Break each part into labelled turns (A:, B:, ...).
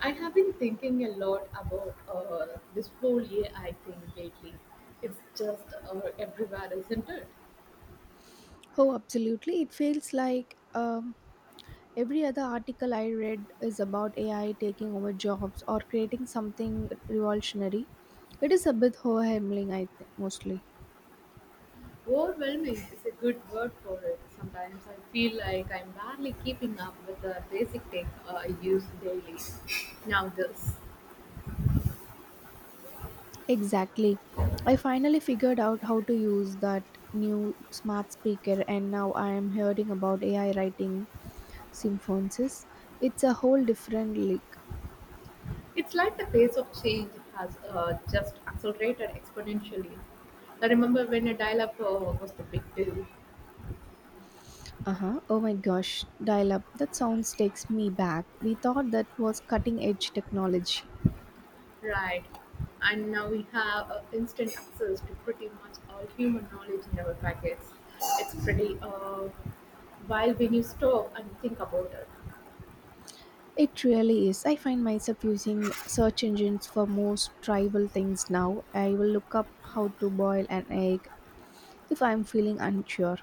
A: I have been thinking a lot about this whole AI thing lately. It's just everywhere, isn't it?
B: Oh, absolutely. It feels like every other article I read is about AI taking over jobs or creating something revolutionary. It is a bit overwhelming, I think, mostly.
A: Overwhelming is a good word for it. Sometimes I feel like I'm barely keeping up with the basic tech I use daily. Now, this.
B: Exactly. I finally figured out how to use that new smart speaker, and now I am hearing about AI writing symphonies. It's a whole different league.
A: It's like the pace of change has just accelerated exponentially. I remember when a dial up was the big deal.
B: Uh huh. Oh my gosh, dial up. That sounds takes me back. We thought that was cutting edge technology.
A: Right. And now we have instant access to pretty much all human knowledge in our packets. It's pretty wild when you stop and think about it.
B: It really is. I find myself using search engines for most trivial things now. I will look up how to boil an egg if I'm feeling unsure.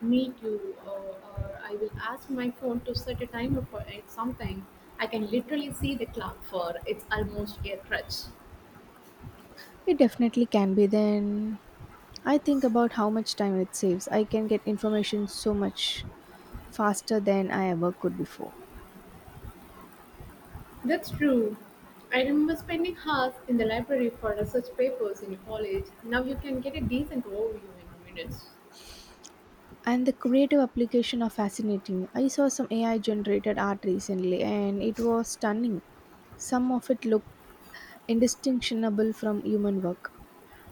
A: Me too. Or I will ask my phone to set a timer for it something. I can literally see the clock for it's almost a crutch.
B: It definitely can be. Then I think about how much time it saves. I can get information so much faster than I ever could before.
A: That's true. I remember spending hours in the library for research papers in college. Now you can get a decent overview in minutes.
B: And the creative application are fascinating. I saw some AI generated art recently and it was stunning. Some of it looked indistinguishable from human work.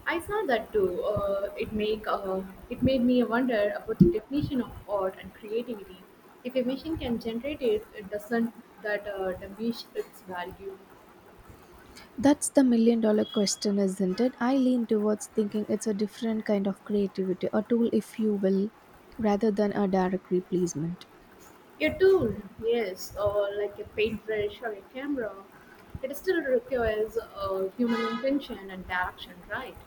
A: I saw that too. It make it made me wonder about the definition of art and creativity. If a machine can generate it, it doesn't that diminish its value.
B: That's the million dollar question, isn't it? I lean towards thinking it's a different kind of creativity, a tool, if you will, rather than a direct replacement.
A: A tool, yes, or like a paintbrush or a camera, it still requires human intention and direction, right?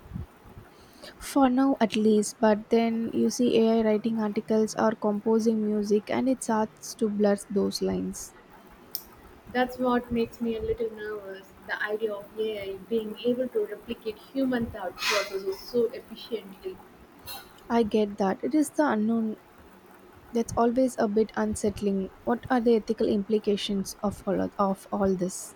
B: For now, at least, but then you see AI writing articles or composing music, and it starts to blur those lines.
A: That's what makes me a little nervous. The idea of AI being able to replicate human thought processes so efficiently.
B: I get that. It is the unknown that's always a bit unsettling. What are the ethical implications of of all this?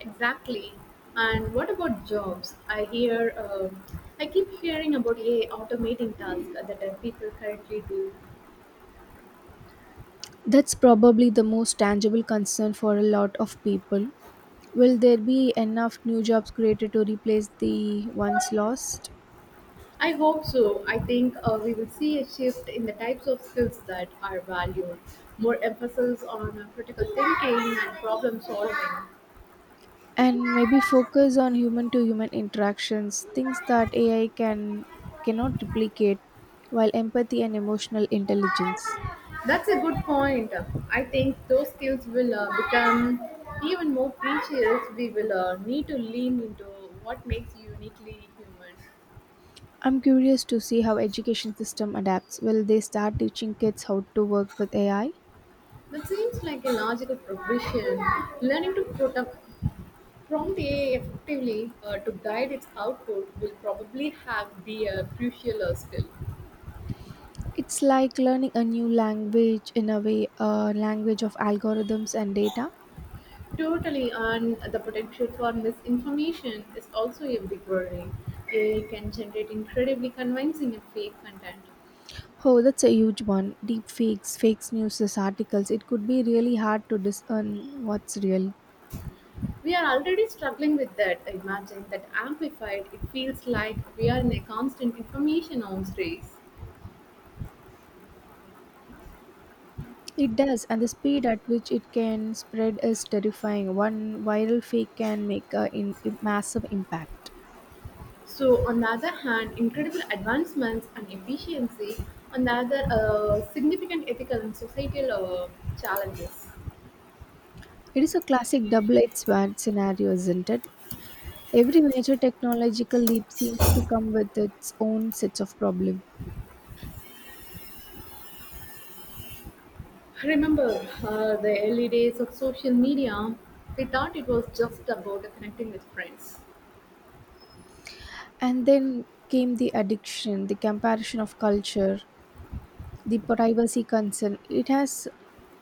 A: Exactly. And what about jobs? I keep hearing about AI automating tasks that people currently do.
B: That's probably the most tangible concern for a lot of people. Will there be enough new jobs created to replace the ones lost?
A: I hope so. I think we will see a shift in the types of skills that are valued, more emphasis on critical thinking and problem solving.
B: And maybe focus on human to human interactions, things that AI can cannot duplicate, while empathy and emotional intelligence.
A: That's a good point. I think those skills will become even more precious. We will need to lean into what makes you uniquely human.
B: I'm curious to see how education system adapts. Will they start teaching kids how to work with AI?
A: That seems like a logical progression. Learning to prompt AI effectively to guide its output will probably have be a crucial skill.
B: It's like learning a new language, in a way a language of algorithms and data.
A: Totally, and the potential for misinformation is also a big worry. AI can generate incredibly convincing and fake content.
B: Oh, that's a huge one. Deep fakes, fake news, these articles. It could be really hard to discern what's real.
A: We are already struggling with that. Imagine that amplified. It feels like we are in a constant information arms race.
B: It does, and the speed at which it can spread is terrifying. One viral fake can make a massive impact.
A: So, on the other hand, incredible advancements and efficiency, on the other, significant ethical and societal challenges.
B: It is a classic double-edged sword scenario, isn't it? Every major technological leap seems to come with its own sets of problems.
A: Remember the early days of social media, we thought it was just about connecting with friends.
B: And then came the addiction, the comparison of culture, the privacy concern.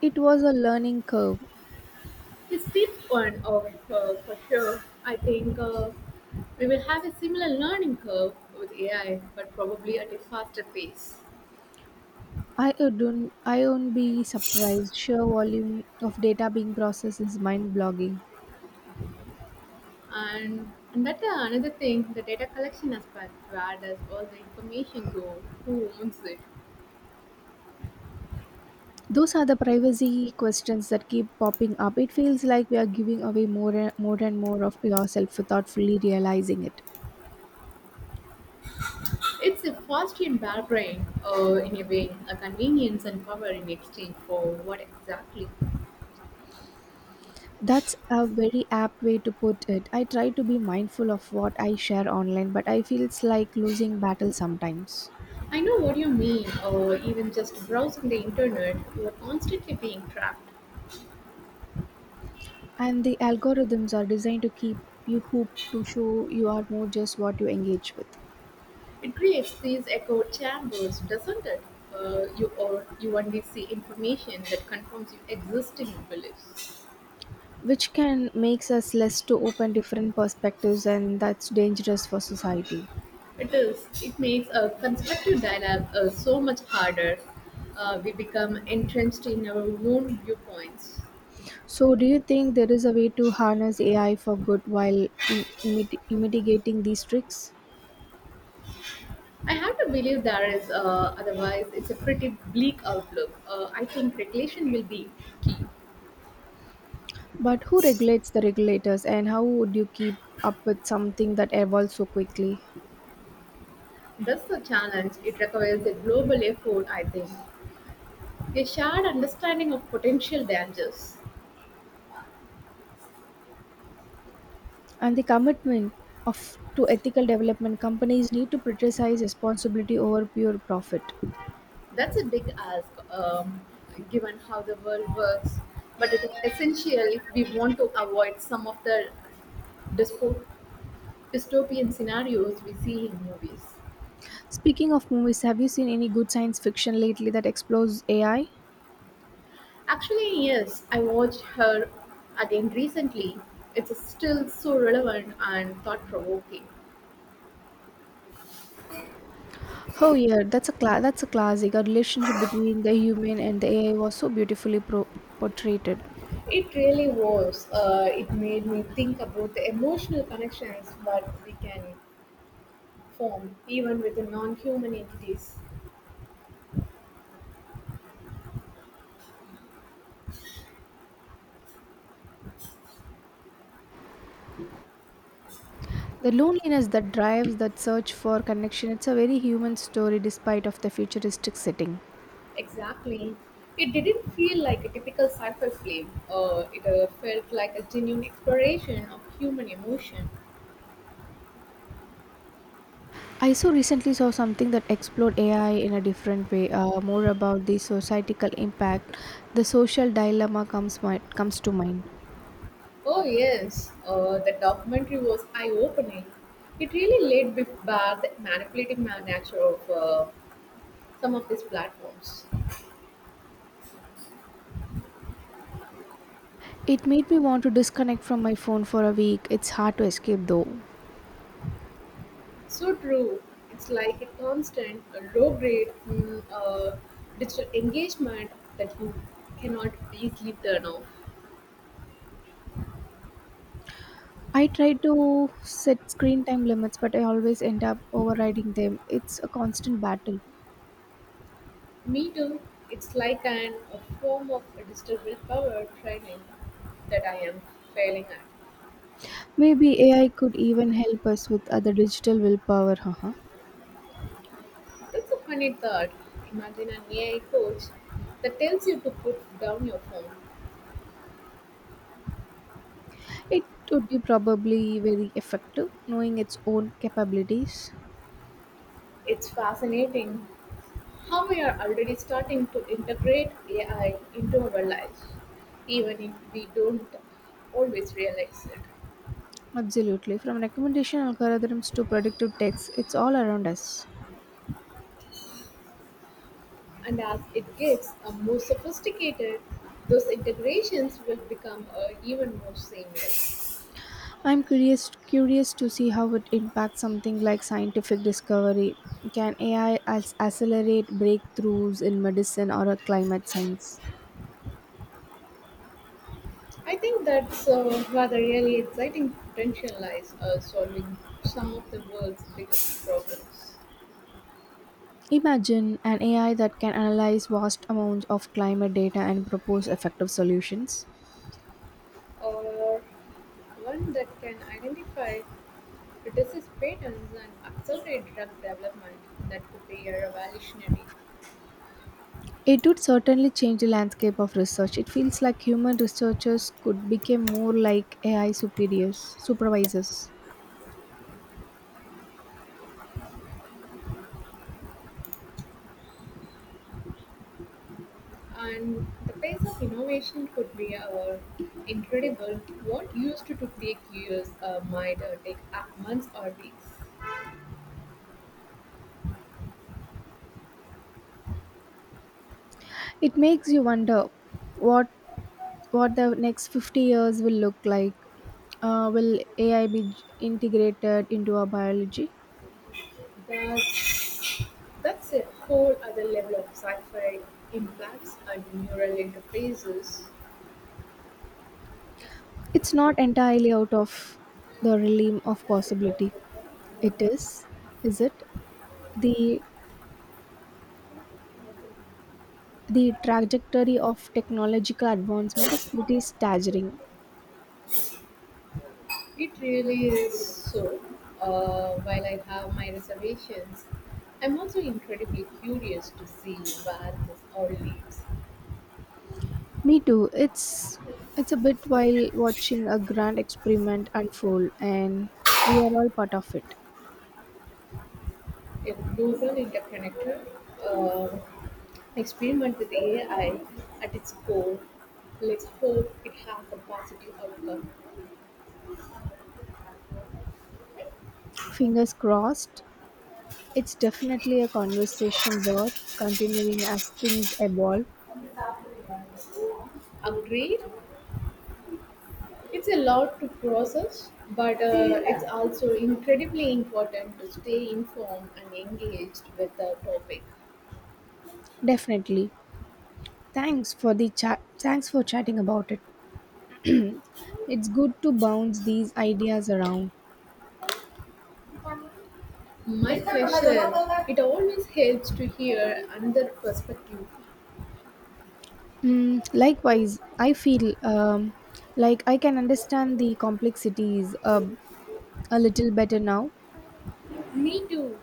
B: It was a learning curve.
A: It's steep one of for sure. I think we will have a similar learning curve with AI, but probably at a faster pace.
B: I won't be surprised. Sheer volume of data being processed is mind-blogging.
A: And that another thing, the data collection aspect, where does all the information go? Who owns it?
B: Those are the privacy questions that keep popping up. It feels like we are giving away more and more and more of yourself without fully realizing it.
A: It's a fast and bad brain, in a way, a convenience and power in exchange for what exactly?
B: That's a very apt way to put it. I try to be mindful of what I share online, but I feel it's like losing battle sometimes.
A: I know what you mean, or even just browsing the internet, you are constantly being trapped.
B: And the algorithms are designed to keep you hooked, to show you are more just what you engage with.
A: It creates these echo chambers, doesn't it? You only see information that confirms your existing beliefs.
B: Which can makes us less to open different perspectives, and that's dangerous for society.
A: It is. It makes a constructive dialogue so much harder. We become entrenched in our own viewpoints.
B: So do you think there is a way to harness AI for good while mitigating these tricks?
A: I have to believe there is. Otherwise, it's a pretty bleak outlook. I think regulation will be.
B: But who regulates the regulators, and how would you keep up with something that evolves so quickly?
A: That's the challenge. It requires a global effort. I think a shared understanding of potential dangers.
B: And the commitment of to ethical development, companies need to prioritize responsibility over pure profit.
A: That's a big ask, given how the world works, but it is essential if we want to avoid some of the dyspo- dystopian scenarios we see in movies.
B: Speaking of movies, have you seen any good science fiction lately that explores AI?
A: Actually, yes, I watched her again recently. It's still so relevant and thought provoking.
B: Oh yeah, that's a classic. A relationship between the human and the AI was so beautifully portrayed.
A: It really was. It made me think about the emotional connections that we can form even with the non human entities.
B: The loneliness that drives that search for connection. It's a very human story, despite of the futuristic setting.
A: Exactly. It didn't feel like a typical sci-fi film. It felt like a genuine exploration of human emotion.
B: I so recently saw something that explored AI in a different way, more about the societal impact. The social dilemma comes to mind.
A: Oh yes, the documentary was eye-opening. It really laid bare the manipulative nature of some of these platforms.
B: It made me want to disconnect from my phone for a week. It's hard to escape though.
A: So true. It's like a constant, low-grade digital engagement that you cannot easily turn off.
B: I try to set screen time limits, but I always end up overriding them. It's a constant battle.
A: Me too. It's like an a form of a digital willpower training that I am failing at.
B: Maybe AI could even help us with other digital willpower. Haha.
A: That's a funny thought. Imagine an AI coach that tells you to put down your phone.
B: It would be probably very effective, knowing its own capabilities.
A: It's fascinating how we are already starting to integrate AI into our lives, even if we don't always realize it.
B: Absolutely. From recommendation algorithms to predictive text, it's all around us.
A: And as it gets more sophisticated, those integrations will become even more seamless.
B: I'm curious Curious to see how it impacts something like scientific discovery. Can AI accelerate breakthroughs in medicine or climate science?
A: I think that's where the really exciting potential lies, solving some of the world's biggest problems,
B: Imagine an AI that can analyze vast amounts of climate data and propose effective solutions.
A: or one that can identify the disease patterns and accelerate drug development that could be a revolutionary.
B: It would certainly change the landscape of research. It feels like human researchers could become more like AI supervisors.
A: And the pace of innovation could be our incredible. What used to take years might take up months or weeks.
B: It makes you wonder what what the next 50 years will look like. Will AI be integrated into our biology?
A: That's that's a whole other level of sci-fi implants and neural interfaces.
B: It's not entirely out of the realm of possibility. It is it? The The trajectory of technological advancement is pretty staggering.
A: It really is so. While I have my reservations, I'm also incredibly curious to see where this all leads.
B: Me too. It's a bit while watching a grand experiment unfold, and we are all part of it.
A: A global interconnected uh, experiment with AI at its core. Let's hope it has a positive outcome.
B: Fingers crossed. It's definitely a conversation worth continuing as things evolve.
A: Agreed? It's a lot to process, but it's also incredibly important to stay informed and engaged with the topic.
B: Definitely. Thanks for the chat. Thanks for chatting about it. It's good to bounce these ideas around.
A: My pleasure. It always helps to hear another perspective.
B: Mm, likewise, I feel like I can understand the complexities a little better now.
A: Me too.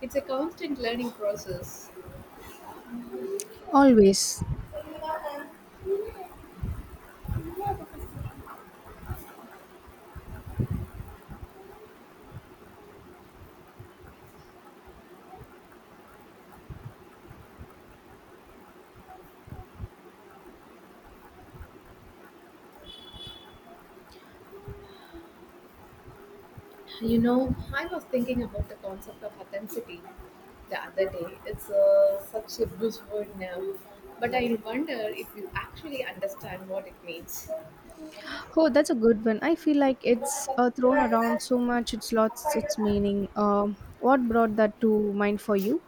A: It's a constant learning process.
B: Always.
A: You know, I was thinking about the concept of authenticity the other day. It's such a buzzword now, but I wonder if you actually understand what it means.
B: Oh, that's a good one. I feel like it's thrown around so much, it's lost its meaning. What brought that to mind for you?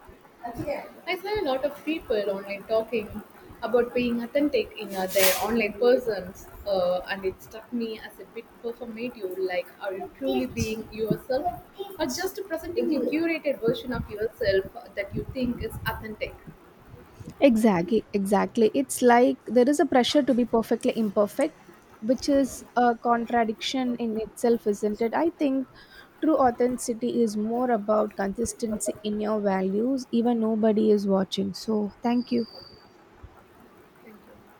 A: I saw a lot of people online talking about being authentic in their online persons, and it struck me as a bit performative. Like, are you truly being yourself, or just presenting a curated version of yourself that you think is authentic?
B: Exactly, exactly. It's like there is a pressure to be perfectly imperfect, which is a contradiction in itself, isn't it? I think true authenticity is more about consistency in your values, even nobody is watching. So, thank you.
A: Thank you.